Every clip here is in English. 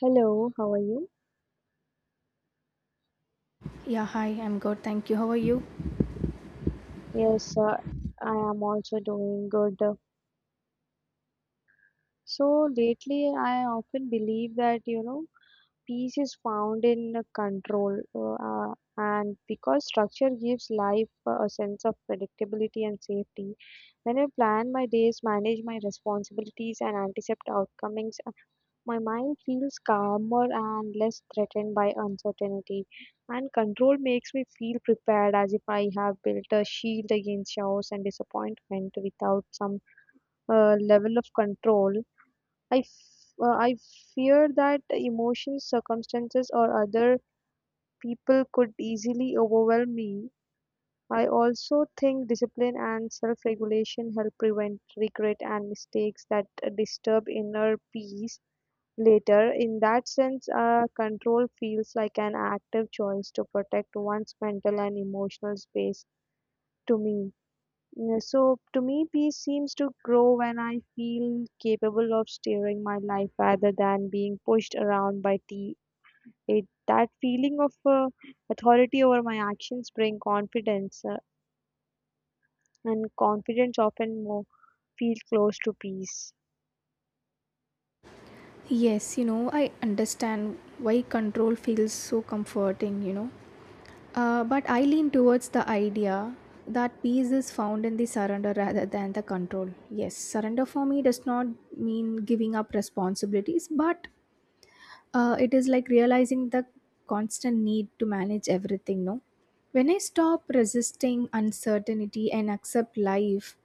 Hello, how are you? Yeah, hi, I'm good. Thank you. How are you? Yes, I am also doing good. So lately, I often believe that, peace is found in control, and because structure gives life a sense of predictability and safety. When I plan my days, manage my responsibilities, and anticipate outcomes, my mind feels calmer and less threatened by uncertainty, and control makes me feel prepared as if I have built a shield against chaos and disappointment. Without some level of control, I fear that emotions, circumstances, or other people could easily overwhelm me. I also think discipline and self regulation help prevent regret and mistakes that disturb inner peace. Later, in that sense, a control feels like an active choice to protect one's mental and emotional space to me. Yeah. So, to me, peace seems to grow when I feel capable of steering my life rather than being pushed around by tea. That feeling of authority over my actions bring confidence, and confidence often more feels close to peace. Yes, you know, I understand why control feels so comforting, you know. But I lean towards the idea that peace is found in the surrender rather than the control. Yes, surrender for me does not mean giving up responsibilities, but it is like realizing the constant need to manage everything, no? When I stop resisting uncertainty and accept life,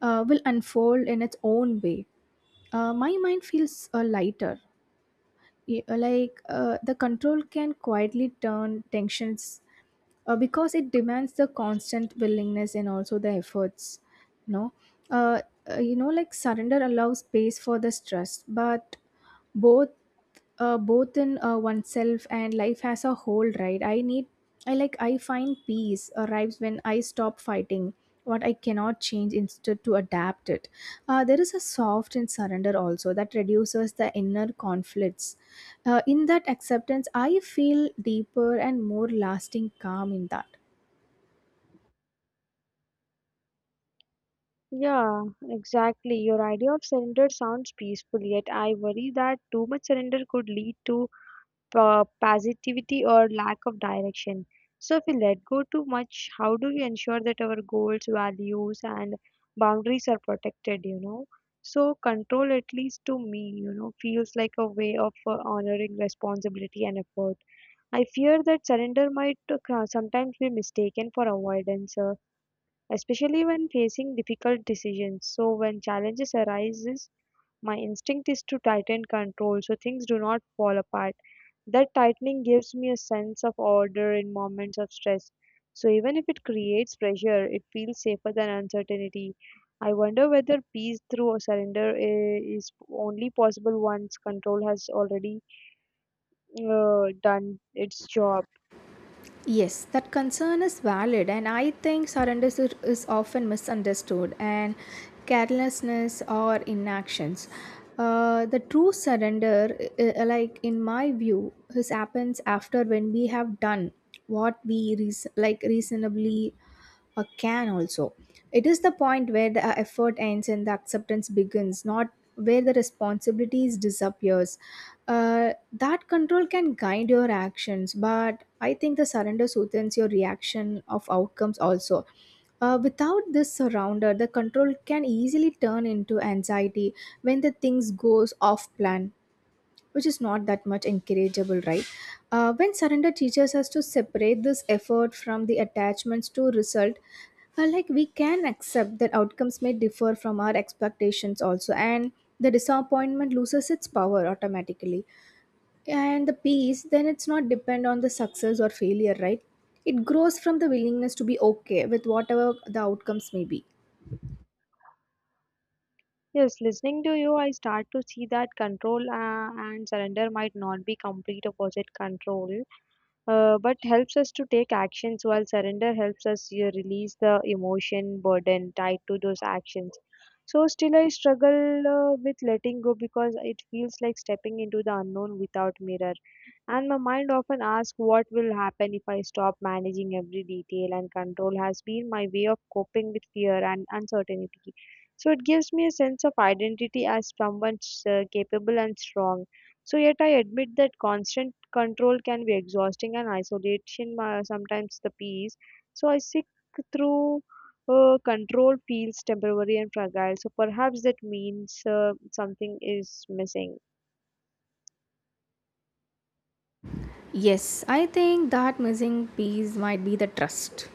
will unfold in its own way. My mind feels lighter. Like the control can quietly turn tensions because it demands the constant willingness and also the efforts. You know, uh, like surrender allows space for the stress, but both both in oneself and life as a whole, right? I need, I like, I find peace arrives when I stop fighting what I cannot change instead to adapt it. There is a soft and surrender also that reduces the inner conflicts. In that acceptance I feel deeper and more lasting calm in that. Yeah, exactly. Your idea of surrender sounds peaceful, yet I worry that too much surrender could lead to passivity or lack of direction. So, if we let go too much, how do we ensure that our goals, values, and boundaries are protected? So control, at least to me, feels like a way of honoring responsibility and effort. I fear that surrender might sometimes be mistaken for avoidance, especially when facing difficult decisions. So when challenges arises, my instinct is to tighten control so things do not fall apart. That tightening gives me a sense of order in moments of stress. So even if it creates pressure, it feels safer than uncertainty. I wonder whether peace through surrender is only possible once control has already done its job. Yes, that concern is valid, and I think surrender is often misunderstood and carelessness or inactions. The true surrender, like in my view, this happens after when we have done what we reasonably or can also. It is the point where the effort ends and the acceptance begins, not where the responsibilities disappears. That control can guide your actions, but I think the surrender softens your reaction of outcomes also. Without this surrender, the control can easily turn into anxiety when the things goes off plan, which is not that much encourageable, right? When surrender teaches us to separate this effort from the attachments to result, like we can accept that outcomes may differ from our expectations also, and the disappointment loses its power automatically. And the peace, then it's not depend on the success or failure, right? It grows from the willingness to be okay with whatever the outcomes may be. Yes, listening to you, I start to see that control and surrender might not be complete opposite control but helps us to take actions while surrender helps us you release the emotion burden tied to those actions. So still I struggle with letting go because it feels like stepping into the unknown without mirror, and my mind often asks what will happen if I stop managing every detail, and control has been my way of coping with fear and uncertainty. So it gives me a sense of identity as someone capable and strong. So yet I admit that constant control can be exhausting and isolation sometimes the peace. So I seek through control feels temporary and fragile. So perhaps that means something is missing. Yes, I think that missing piece might be the trust,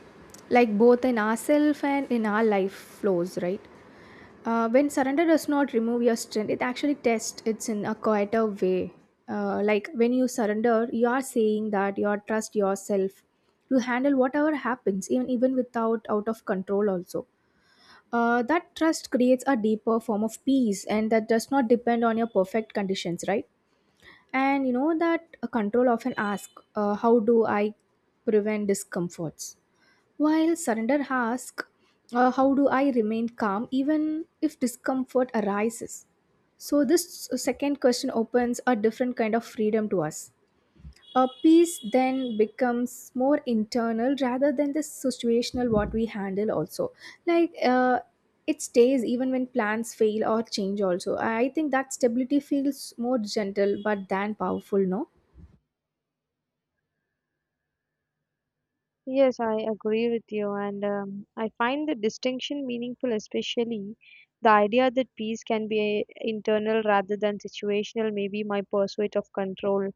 like both in ourselves and in our life flows, right? When surrender does not remove your strength, it actually tests it's in a quieter way. Like when you surrender, you are saying that you are trust yourself to handle whatever happens, even without out of control. Also, that trust creates a deeper form of peace, and that does not depend on your perfect conditions, right? And you know that a control often asks, how do I prevent discomforts? While surrender asks, how do I remain calm even if discomfort arises? So, this second question opens a different kind of freedom to us. A peace then becomes more internal rather than the situational what we handle also. Like it stays even when plans fail or change also. I think that stability feels more gentle but than powerful, no? Yes, I agree with you, and I find the distinction meaningful, especially the idea that peace can be internal rather than situational. Maybe my pursuit of control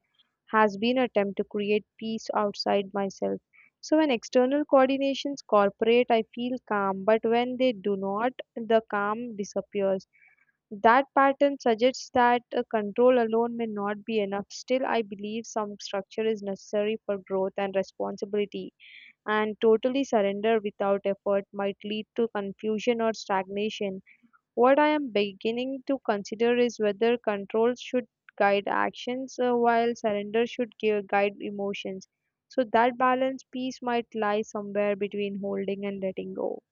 has been attempt to create peace outside myself. So when external coordinations cooperate, I feel calm, but when they do not, the calm disappears. That pattern suggests that control alone may not be enough. Still, I believe some structure is necessary for growth and responsibility, and totally surrender without effort might lead to confusion or stagnation. What I am beginning to consider is whether control should guide actions while surrender should give, guide emotions. So that balance piece might lie somewhere between holding and letting go.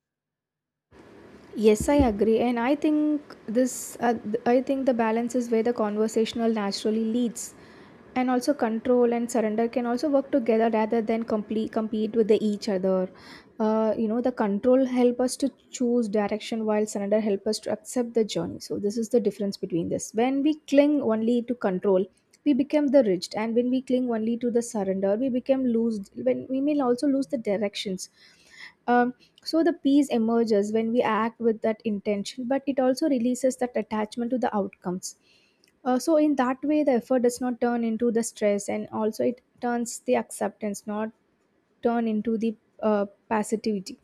Yes, I agree, and I think the balance is where the conversational naturally leads, and also control and surrender can also work together rather than complete compete with the each other. You know, the control help us to choose direction, while surrender help us to accept the journey. So this is the difference between this. When we cling only to control, we become the rigid, and when we cling only to the surrender, we become loose. When we may also lose the directions. um, so the peace emerges when we act with that intention, but it also releases that attachment to the outcomes. So in that way, the effort does not turn into the stress, and also it turns the acceptance, not turn into the passivity,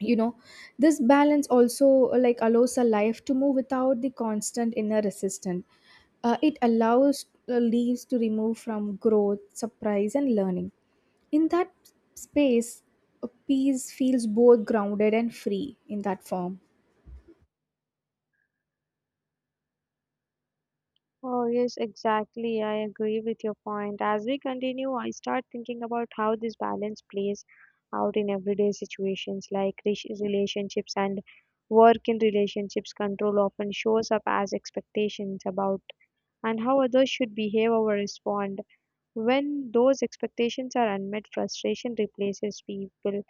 you know. This balance also, like, allows a life to move without the constant inner resistance. It allows leaves to remove from growth surprise and learning in that space. A peace feels both grounded and free in that form. Oh, yes, exactly. I agree with your point. As we continue, I start thinking about how this balance plays out in everyday situations like relationships and work. In relationships, control often shows up as expectations about and how others should behave or respond. When those expectations are unmet, frustration replaces people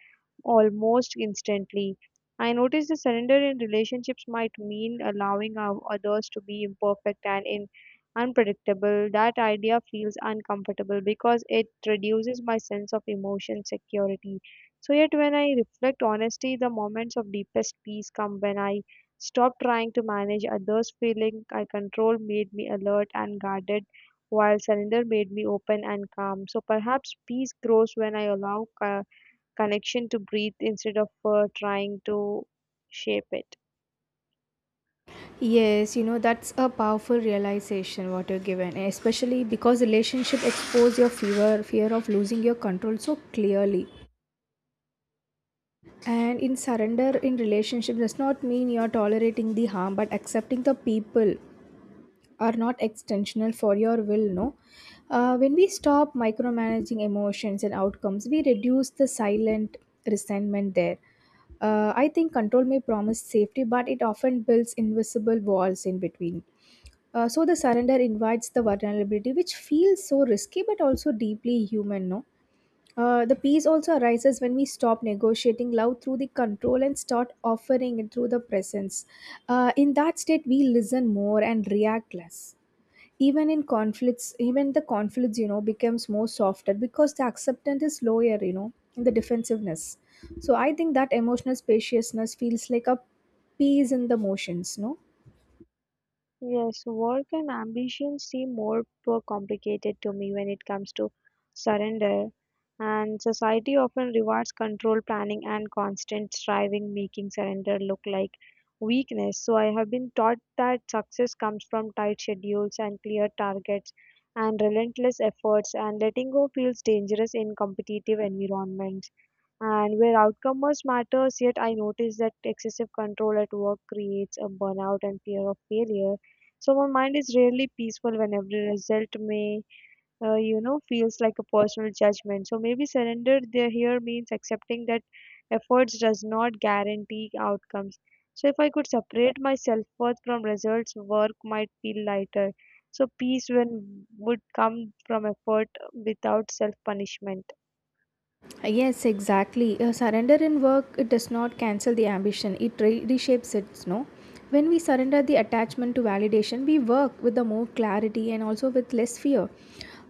almost instantly. I notice the surrender in relationships might mean allowing others to be imperfect and in unpredictable. That idea feels uncomfortable because it reduces my sense of emotion security. So, yet, when I reflect honestly, the moments of deepest peace come when I stop trying to manage others' feeling. I control made me alert and guarded while surrender made me open and calm. So perhaps peace grows when I allow connection to breathe instead of trying to shape it. Yes, you know, that's a powerful realization what you're given, especially because relationship expose your fear of losing your control so clearly. And in surrender in relationship does not mean you are tolerating the harm, but accepting the people are not extensional for your will. No, when we stop micromanaging emotions and outcomes, we reduce the silent resentment there. I think control may promise safety, but it often builds invisible walls in between. So the surrender invites the vulnerability, which feels so risky but also deeply human. No, the peace also arises when we stop negotiating love through the control and start offering it through the presence. In that state, we listen more and react less. Even in conflicts, even the conflicts, you know, becomes more softer because the acceptance is lower, you know, in the defensiveness. So I think that emotional spaciousness feels like a peace in the motions, no? Yes, work and ambition seem more complicated to me when it comes to surrender. And society often rewards control, planning, and constant striving, making surrender look like weakness. So I have been taught that success comes from tight schedules and clear targets and relentless efforts, and letting go feels dangerous in competitive environments and where outcome much matters. Yet I notice that excessive control at work creates a burnout and fear of failure. So my mind is rarely peaceful when every result may, feels like a personal judgment. So maybe surrender there here means accepting that efforts does not guarantee outcomes. So if I could separate my self-worth from results, work might feel lighter. So peace when would come from effort without self-punishment. Yes, exactly. A surrender in work it does not cancel the ambition. It reshapes it. No, when we surrender the attachment to validation, we work with the more clarity and also with less fear.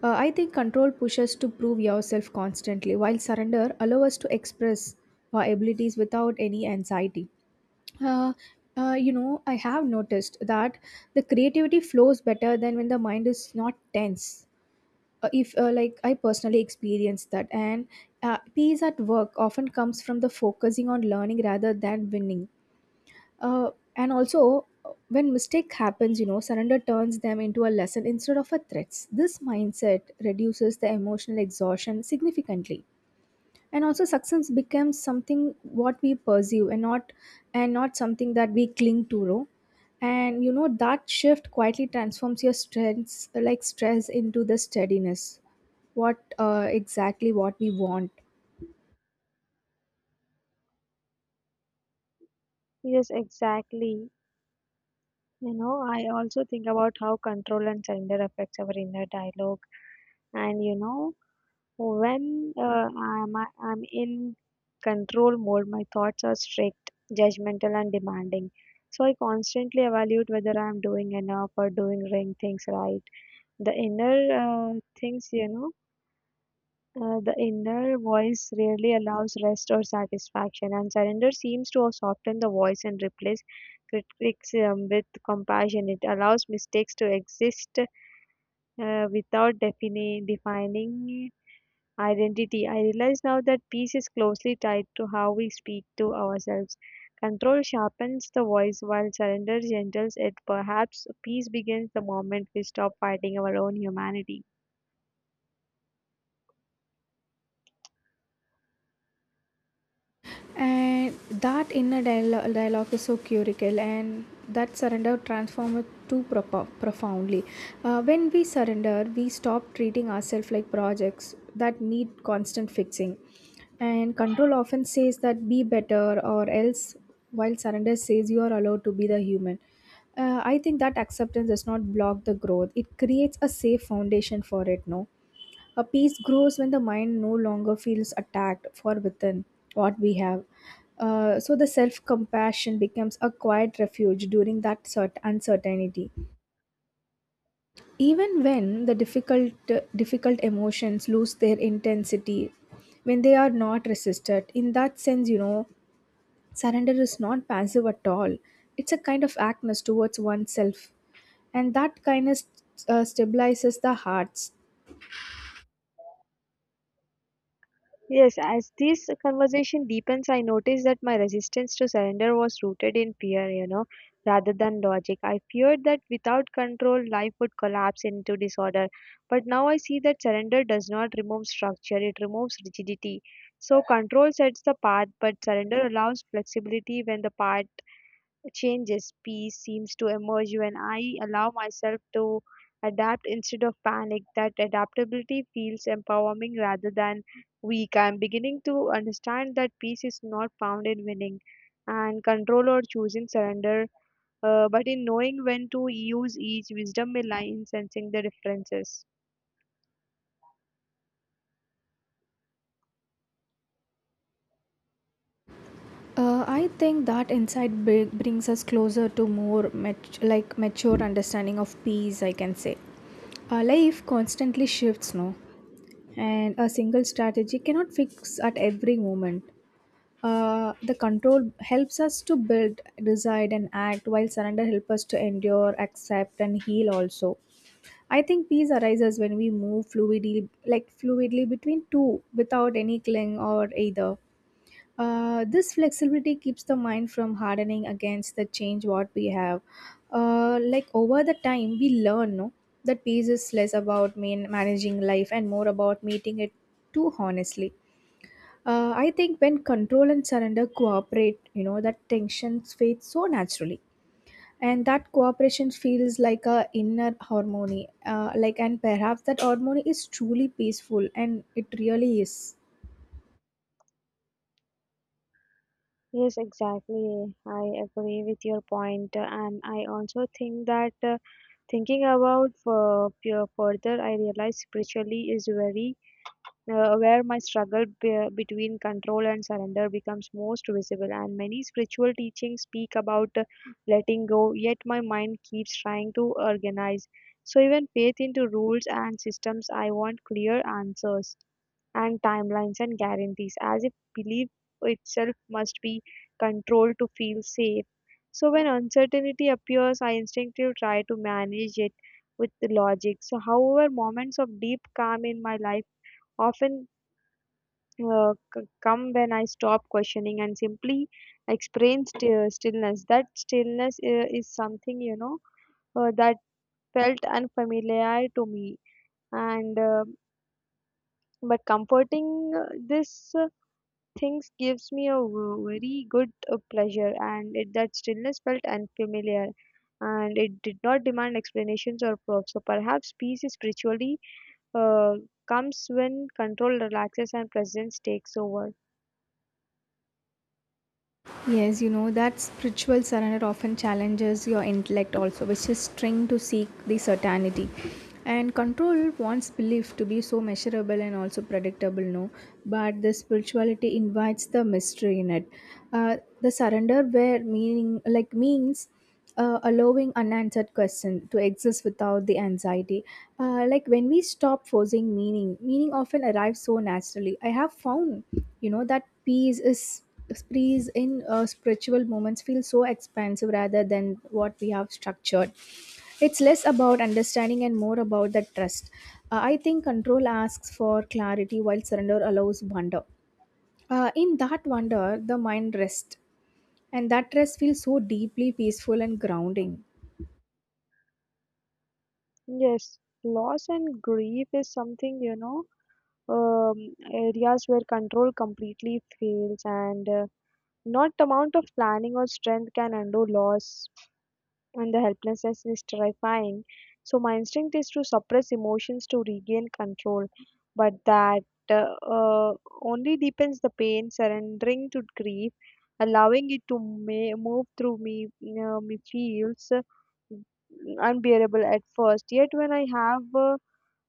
I think control pushes to prove yourself constantly, while surrender allows us to express our abilities without any anxiety. Uh, you know, I have noticed that the creativity flows better than when the mind is not tense. If Like, I personally experienced that. And peace at work often comes from the focusing on learning rather than winning. And also, when mistake happens, you know, surrender turns them into a lesson instead of a threats. This mindset reduces the emotional exhaustion significantly. And also success becomes something what we pursue and not something that we cling to, no? And you know that shift quietly transforms your strengths like stress into the steadiness, what exactly what we want. Yes, exactly. You know, I also think about how control and surrender affects our inner dialogue. And you know, when I'm in control mode, my thoughts are strict, judgmental, and demanding. So I constantly evaluate whether I'm doing enough or doing ring things right. The inner uh, things, you know, the inner voice rarely allows rest or satisfaction, and surrender seems to soften the voice and replace criticism with compassion. It allows mistakes to exist without defining identity. I realize now that peace is closely tied to how we speak to ourselves. Control sharpens the voice while surrender gentles it. Perhaps peace begins the moment we stop fighting our own humanity. And that inner dialogue is so curical, and that surrender transforms it too profoundly. When we surrender, we stop treating ourselves like projects that need constant fixing. And control often says that be better or else, while surrender says you are allowed to be the human. I think that acceptance does not block the growth. It creates a safe foundation for it, no? A peace grows when the mind no longer feels attacked for within what we have. So the self compassion becomes a quiet refuge during that uncertainty. Even when the difficult emotions lose their intensity, when they are not resisted, in that sense, you know, surrender is not passive at all. It's a kind of actness towards oneself, and that kindness stabilizes the hearts. Yes, as this conversation deepens, I noticed that my resistance to surrender was rooted in fear, you know, rather than logic. I feared that without control, life would collapse into disorder. But now I see that surrender does not remove structure, it removes rigidity. So, control sets the path, but surrender allows flexibility when the path changes. Peace seems to emerge when I allow myself to adapt instead of panic. That adaptability feels empowering rather than weak. I'm beginning to understand that peace is not found in winning and control or choosing surrender, but in knowing when to use each wisdom may lie in sensing the differences. I think that insight brings us closer to more mature understanding of peace. I can say, our life constantly shifts, no, and a single strategy cannot fix at every moment. The control helps us to build, decide, and act, while surrender helps us to endure, accept, and heal. Also, I think peace arises when we move fluidly, like fluidly between two, without any cling or either. This flexibility keeps the mind from hardening against the change what we have. Like over the time, we learn, no, that peace is less about managing life and more about meeting it too honestly. I think when control and surrender cooperate, you know, that tension fades so naturally. And that cooperation feels like a inner harmony, like and perhaps that harmony is truly peaceful, and it really is. Yes, exactly. I agree with your point, and I also think that. Thinking about further, I realized spiritually is very where my struggle between control and surrender becomes most visible, and many spiritual teachings speak about letting go. Yet my mind keeps trying to organize, so even faith into rules and systems. I want clear answers and timelines and guarantees as if belief itself must be controlled to feel safe. So when uncertainty appears, I instinctively try to manage it with the logic. So however, moments of deep calm in my life often come when I stop questioning and simply experience stillness. That stillness is something, you know, that felt unfamiliar to me, and but comforting. This things gives me a very good pleasure, and that stillness felt unfamiliar. And it did not demand explanations or proofs. So perhaps peace is spiritually uh, comes when control relaxes and presence takes over. Yes, you know, that spiritual surrender often challenges your intellect also, which is trained to seek the certainty. And control wants belief to be so measurable and also predictable, no? But the spirituality invites the mystery in it. The surrender where meaning like means allowing unanswered question to exist without the anxiety. Like when we stop forcing meaning, meaning often arrives so naturally, I have found. You know that peace in spiritual moments feels so expansive rather than what we have structured. It's less about understanding and more about the trust. I think control asks for clarity while surrender allows wonder. In that wonder the mind rests, and that rest feels so deeply peaceful and grounding. Yes, loss and grief is something, you know, areas where control completely fails, and not the amount of planning or strength can undo loss, and the helplessness is terrifying. So my instinct is to suppress emotions to regain control, but that uh, uh, only deepens the pain. Surrendering to grief, allowing it to move through me, me feels unbearable at first. Yet when I have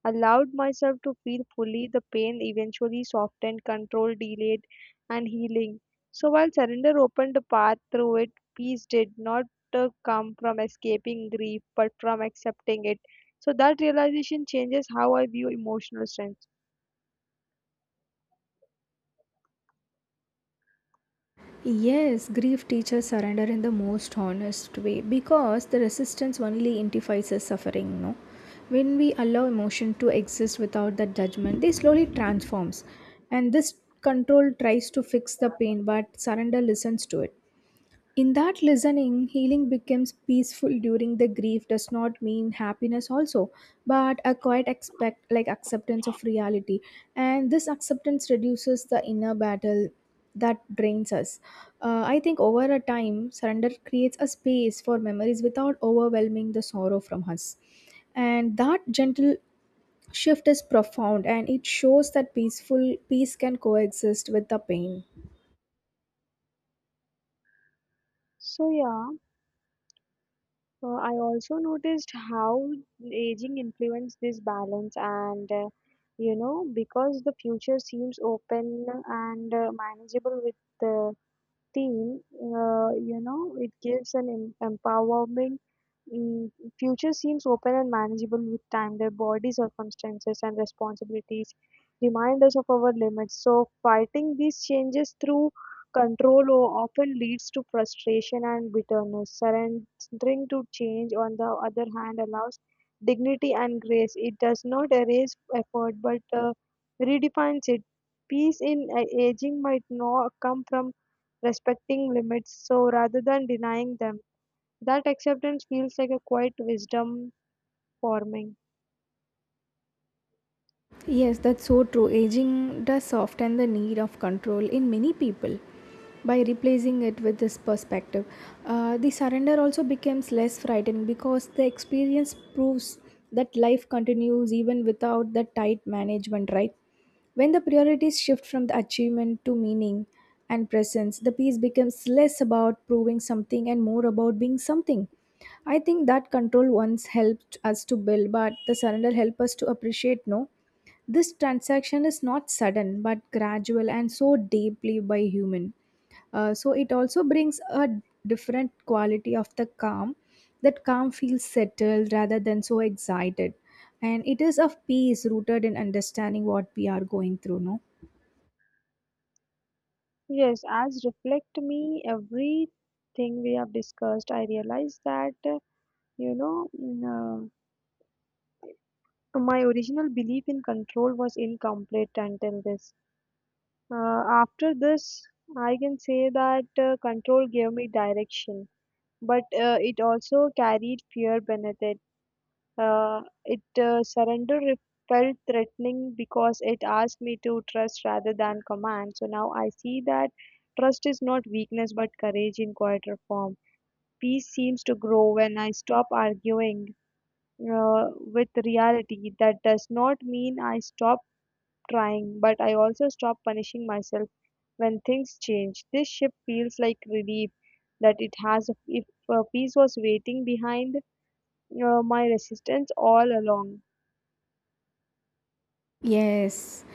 allowed myself to feel fully, the pain eventually softened, control delayed, and healing. So while surrender opened a path through it, peace did not come from escaping grief but from accepting it. So that realization changes how I view emotional strength. Yes, grief teaches surrender in the most honest way because the resistance only intensifies the suffering, no? When we allow emotion to exist without that judgment, they slowly transforms. And this control tries to fix the pain, but surrender listens to it. In that listening, healing becomes peaceful during the grief does not mean happiness also, but a quiet expect like acceptance of reality. And this acceptance reduces the inner battle that drains us. I think over a time, surrender creates a space for memories without overwhelming the sorrow from us. And that gentle shift is profound, and it shows that peaceful peace can coexist with the pain. So yeah, I also noticed how aging influenced this balance, and you know, because the future seems open and manageable with the team, you know, it gives an empowerment. Mm, future seems open and manageable with time. Their body circumstances and responsibilities remind us of our limits. So, fighting these changes through control often leads to frustration and bitterness. Surrendering to change, on the other hand, allows dignity and grace. It does not erase effort but redefines it. Peace in aging might not come from respecting limits so rather than denying them. That acceptance feels like a quiet wisdom forming. Yes, that's so true. Aging does soften the need of control in many people by replacing it with this perspective. The surrender also becomes less frightening because the experience proves that life continues even without the tight management, right? When the priorities shift from the achievement to meaning and presence, the piece becomes less about proving something and more about being something. I think that control once helped us to build, but the surrender helped us to appreciate no this transaction is not sudden but gradual and so deeply by human. So it also brings a different quality of the calm. That calm feels settled rather than so excited. And it is of peace rooted in understanding what we are going through, no? Yes, as reflect me everything we have discussed, I realized that you know mm, my original belief in control was incomplete until this after this I can say that control gave me direction, but it also carried fear beneath it. Surrender felt threatening because it asked me to trust rather than command. So now I see that trust is not weakness but courage in quieter form. Peace seems to grow when I stop arguing with reality. That does not mean I stop trying, but I also stop punishing myself when things change. This ship feels like relief that it has, if peace was waiting behind my resistance all along. Yes,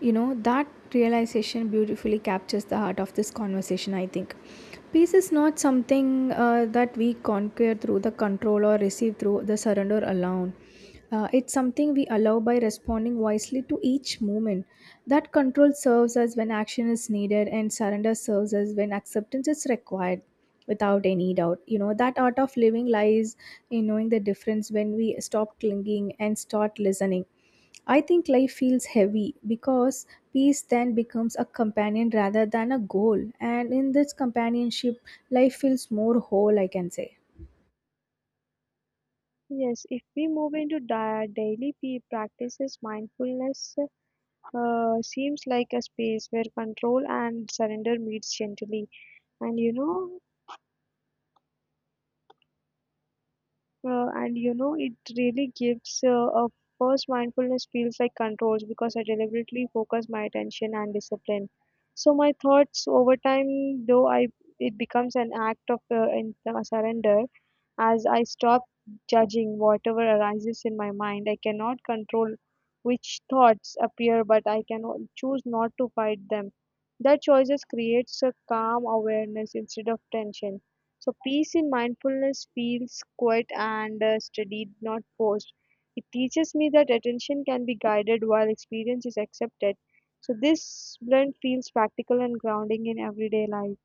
you know, that realization beautifully captures the heart of this conversation, I think. Peace is not something that we conquer through the control or receive through the surrender alone. It's something we allow by responding wisely to each moment. That control serves us when action is needed, and surrender serves us when acceptance is required without any doubt. You know, that art of living lies in knowing the difference when we stop clinging and start listening. I think life feels heavy because peace then becomes a companion rather than a goal. And in this companionship, life feels more whole, I can say. Yes, if we move into di daily practices, mindfulness seems like a space where control and surrender meets gently. And you know, and you know it really gives a first. Mindfulness feels like controls because I deliberately focus my attention and discipline so my thoughts. Over time though, I it becomes an act of surrender, as I stop judging whatever arises in my mind. I cannot control which thoughts appear, but I can choose not to fight them. That choices creates a calm awareness instead of tension. So peace in mindfulness feels quiet and studied, not forced. It teaches me that attention can be guided while experience is accepted. So this blend feels practical and grounding in everyday life.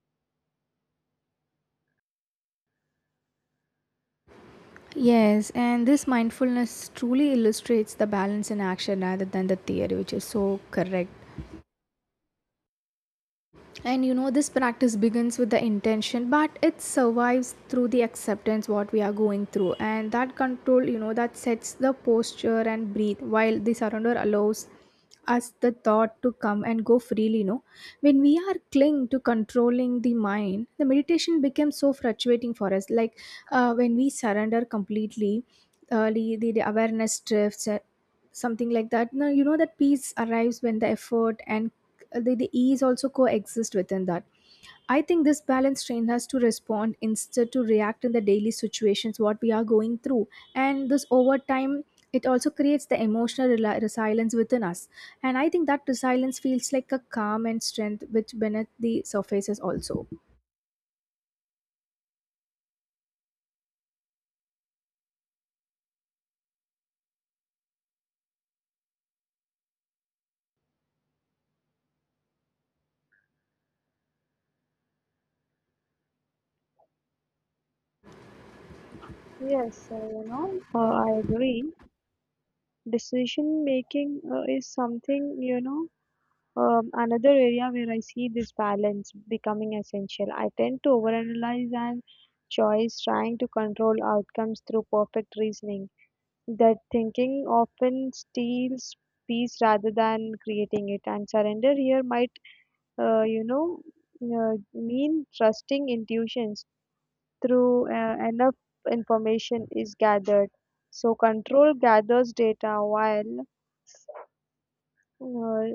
Yes, and this mindfulness truly illustrates the balance in action rather than the theory, which is so correct. And you know, this practice begins with the intention, but it survives through the acceptance what we are going through. And that control, you know, that sets the posture and breathe, while the surrender allows us the thought to come and go freely, you know. When we are cling to controlling the mind, the meditation becomes so fluctuating for us. Like when we surrender completely, the awareness drifts, something like that. Now, you know that peace arrives when the effort and the ease also coexist within that. I think this balance train has to respond instead to react in the daily situations what we are going through, and this over time it also creates the emotional resilience within us. And I think that resilience feels like a calm and strength which beneath the surfaces also. Yes, I agree. Decision making is something, you know, another area where I see this balance becoming essential. I tend to overanalyze and choice trying to control outcomes through perfect reasoning. That thinking often steals peace rather than creating it, and surrender here might, uh, you know, mean trusting intuitions through enough information is gathered. So control gathers data while uh,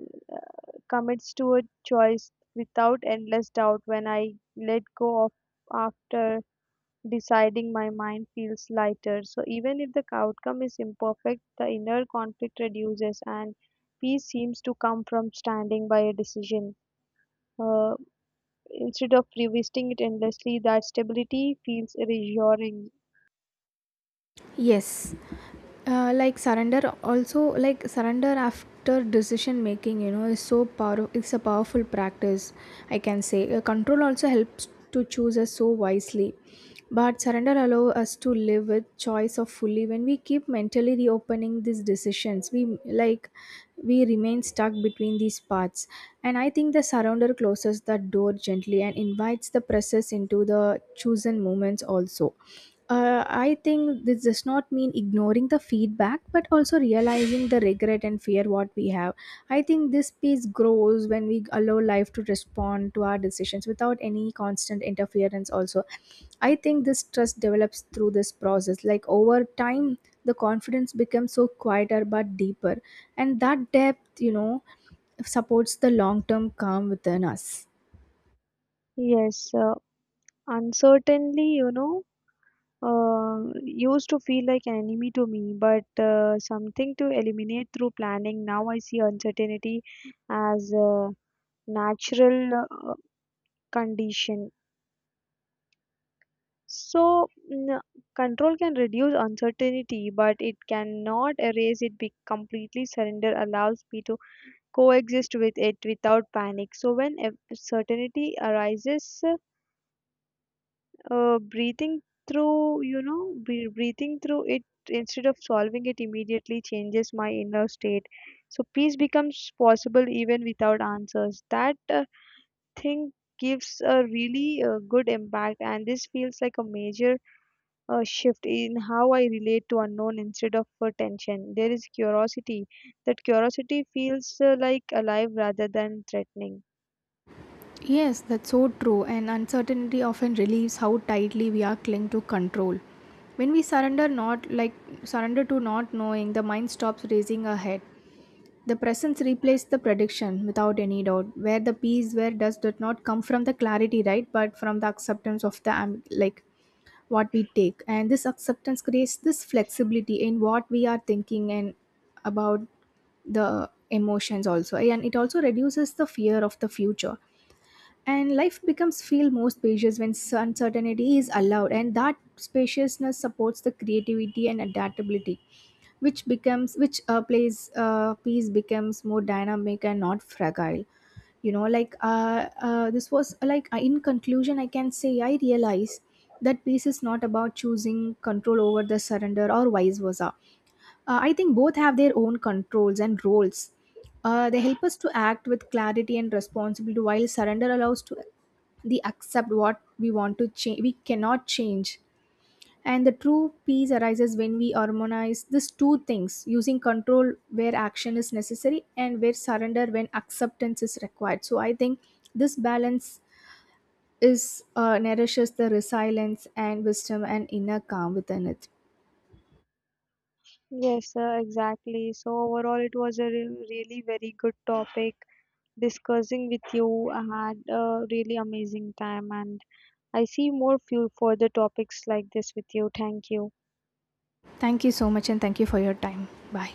commits to a choice without endless doubt. When I let go of after deciding, my mind feels lighter. So even if the outcome is imperfect, the inner conflict reduces, and peace seems to come from standing by a decision, Uh, instead of revisiting it endlessly. That stability feels reassuring. Yes, like surrender, also like surrender after decision making, you know, is so power it's a powerful practice I can say. Control also helps to choose us so wisely, but surrender allow us to live with choice of fully. When we keep mentally reopening these decisions we like, we remain stuck between these paths, and I think the surrender closes the door gently and invites the process into the chosen moments also. I think this does not mean ignoring the feedback, but also realizing the regret and fear what we have. I think this piece grows when we allow life to respond to our decisions without any constant interference. Also, I think this trust develops through this process. Like over time, the confidence becomes so quieter but deeper, and that depth, you know, supports the long term calm within us. Yes, uncertainly, you know, used to feel like an enemy to me, but something to eliminate through planning. Now I see uncertainty as a natural condition. So, mm, control can reduce uncertainty, but it cannot erase it. Be completely surrender allows me to coexist with it without panic. So, when certainty arises, breathing through, you know, be breathing through it instead of solving it immediately changes my inner state. So, peace becomes possible even without answers. That thing gives a really good impact, and this feels like a major a shift in how I relate to unknown. Instead of tension, there is curiosity. That curiosity feels like alive rather than threatening. Yes, that's so true, and uncertainty often relieves how tightly we are cling to control. When we surrender, not like surrender to not knowing, the mind stops raising a head. The presence replaced the prediction without any doubt, where the peace where does did not come from the clarity, right? But from the acceptance of the like what we take. And this acceptance creates this flexibility in what we are thinking and about the emotions also, and it also reduces the fear of the future. And life becomes feel more spacious when uncertainty is allowed, and that spaciousness supports the creativity and adaptability which becomes which plays piece becomes more dynamic and not fragile, you know. Like this was like in conclusion, I can say I realize that peace is not about choosing control over the surrender or vice versa. I think both have their own controls and roles. They help us to act with clarity and responsibility, while surrender allows to the accept what we want to change. We cannot change, and the true peace arises when we harmonize these two things: using control where action is necessary, and where surrender when acceptance is required. So I think this balance is nourishes the resilience and wisdom and inner calm within it. Yes, exactly. So overall, it was a really very good topic discussing with you. I had a really amazing time, and I see more few further topics like this with you. Thank you. Thank you so much, and thank you for your time. Bye.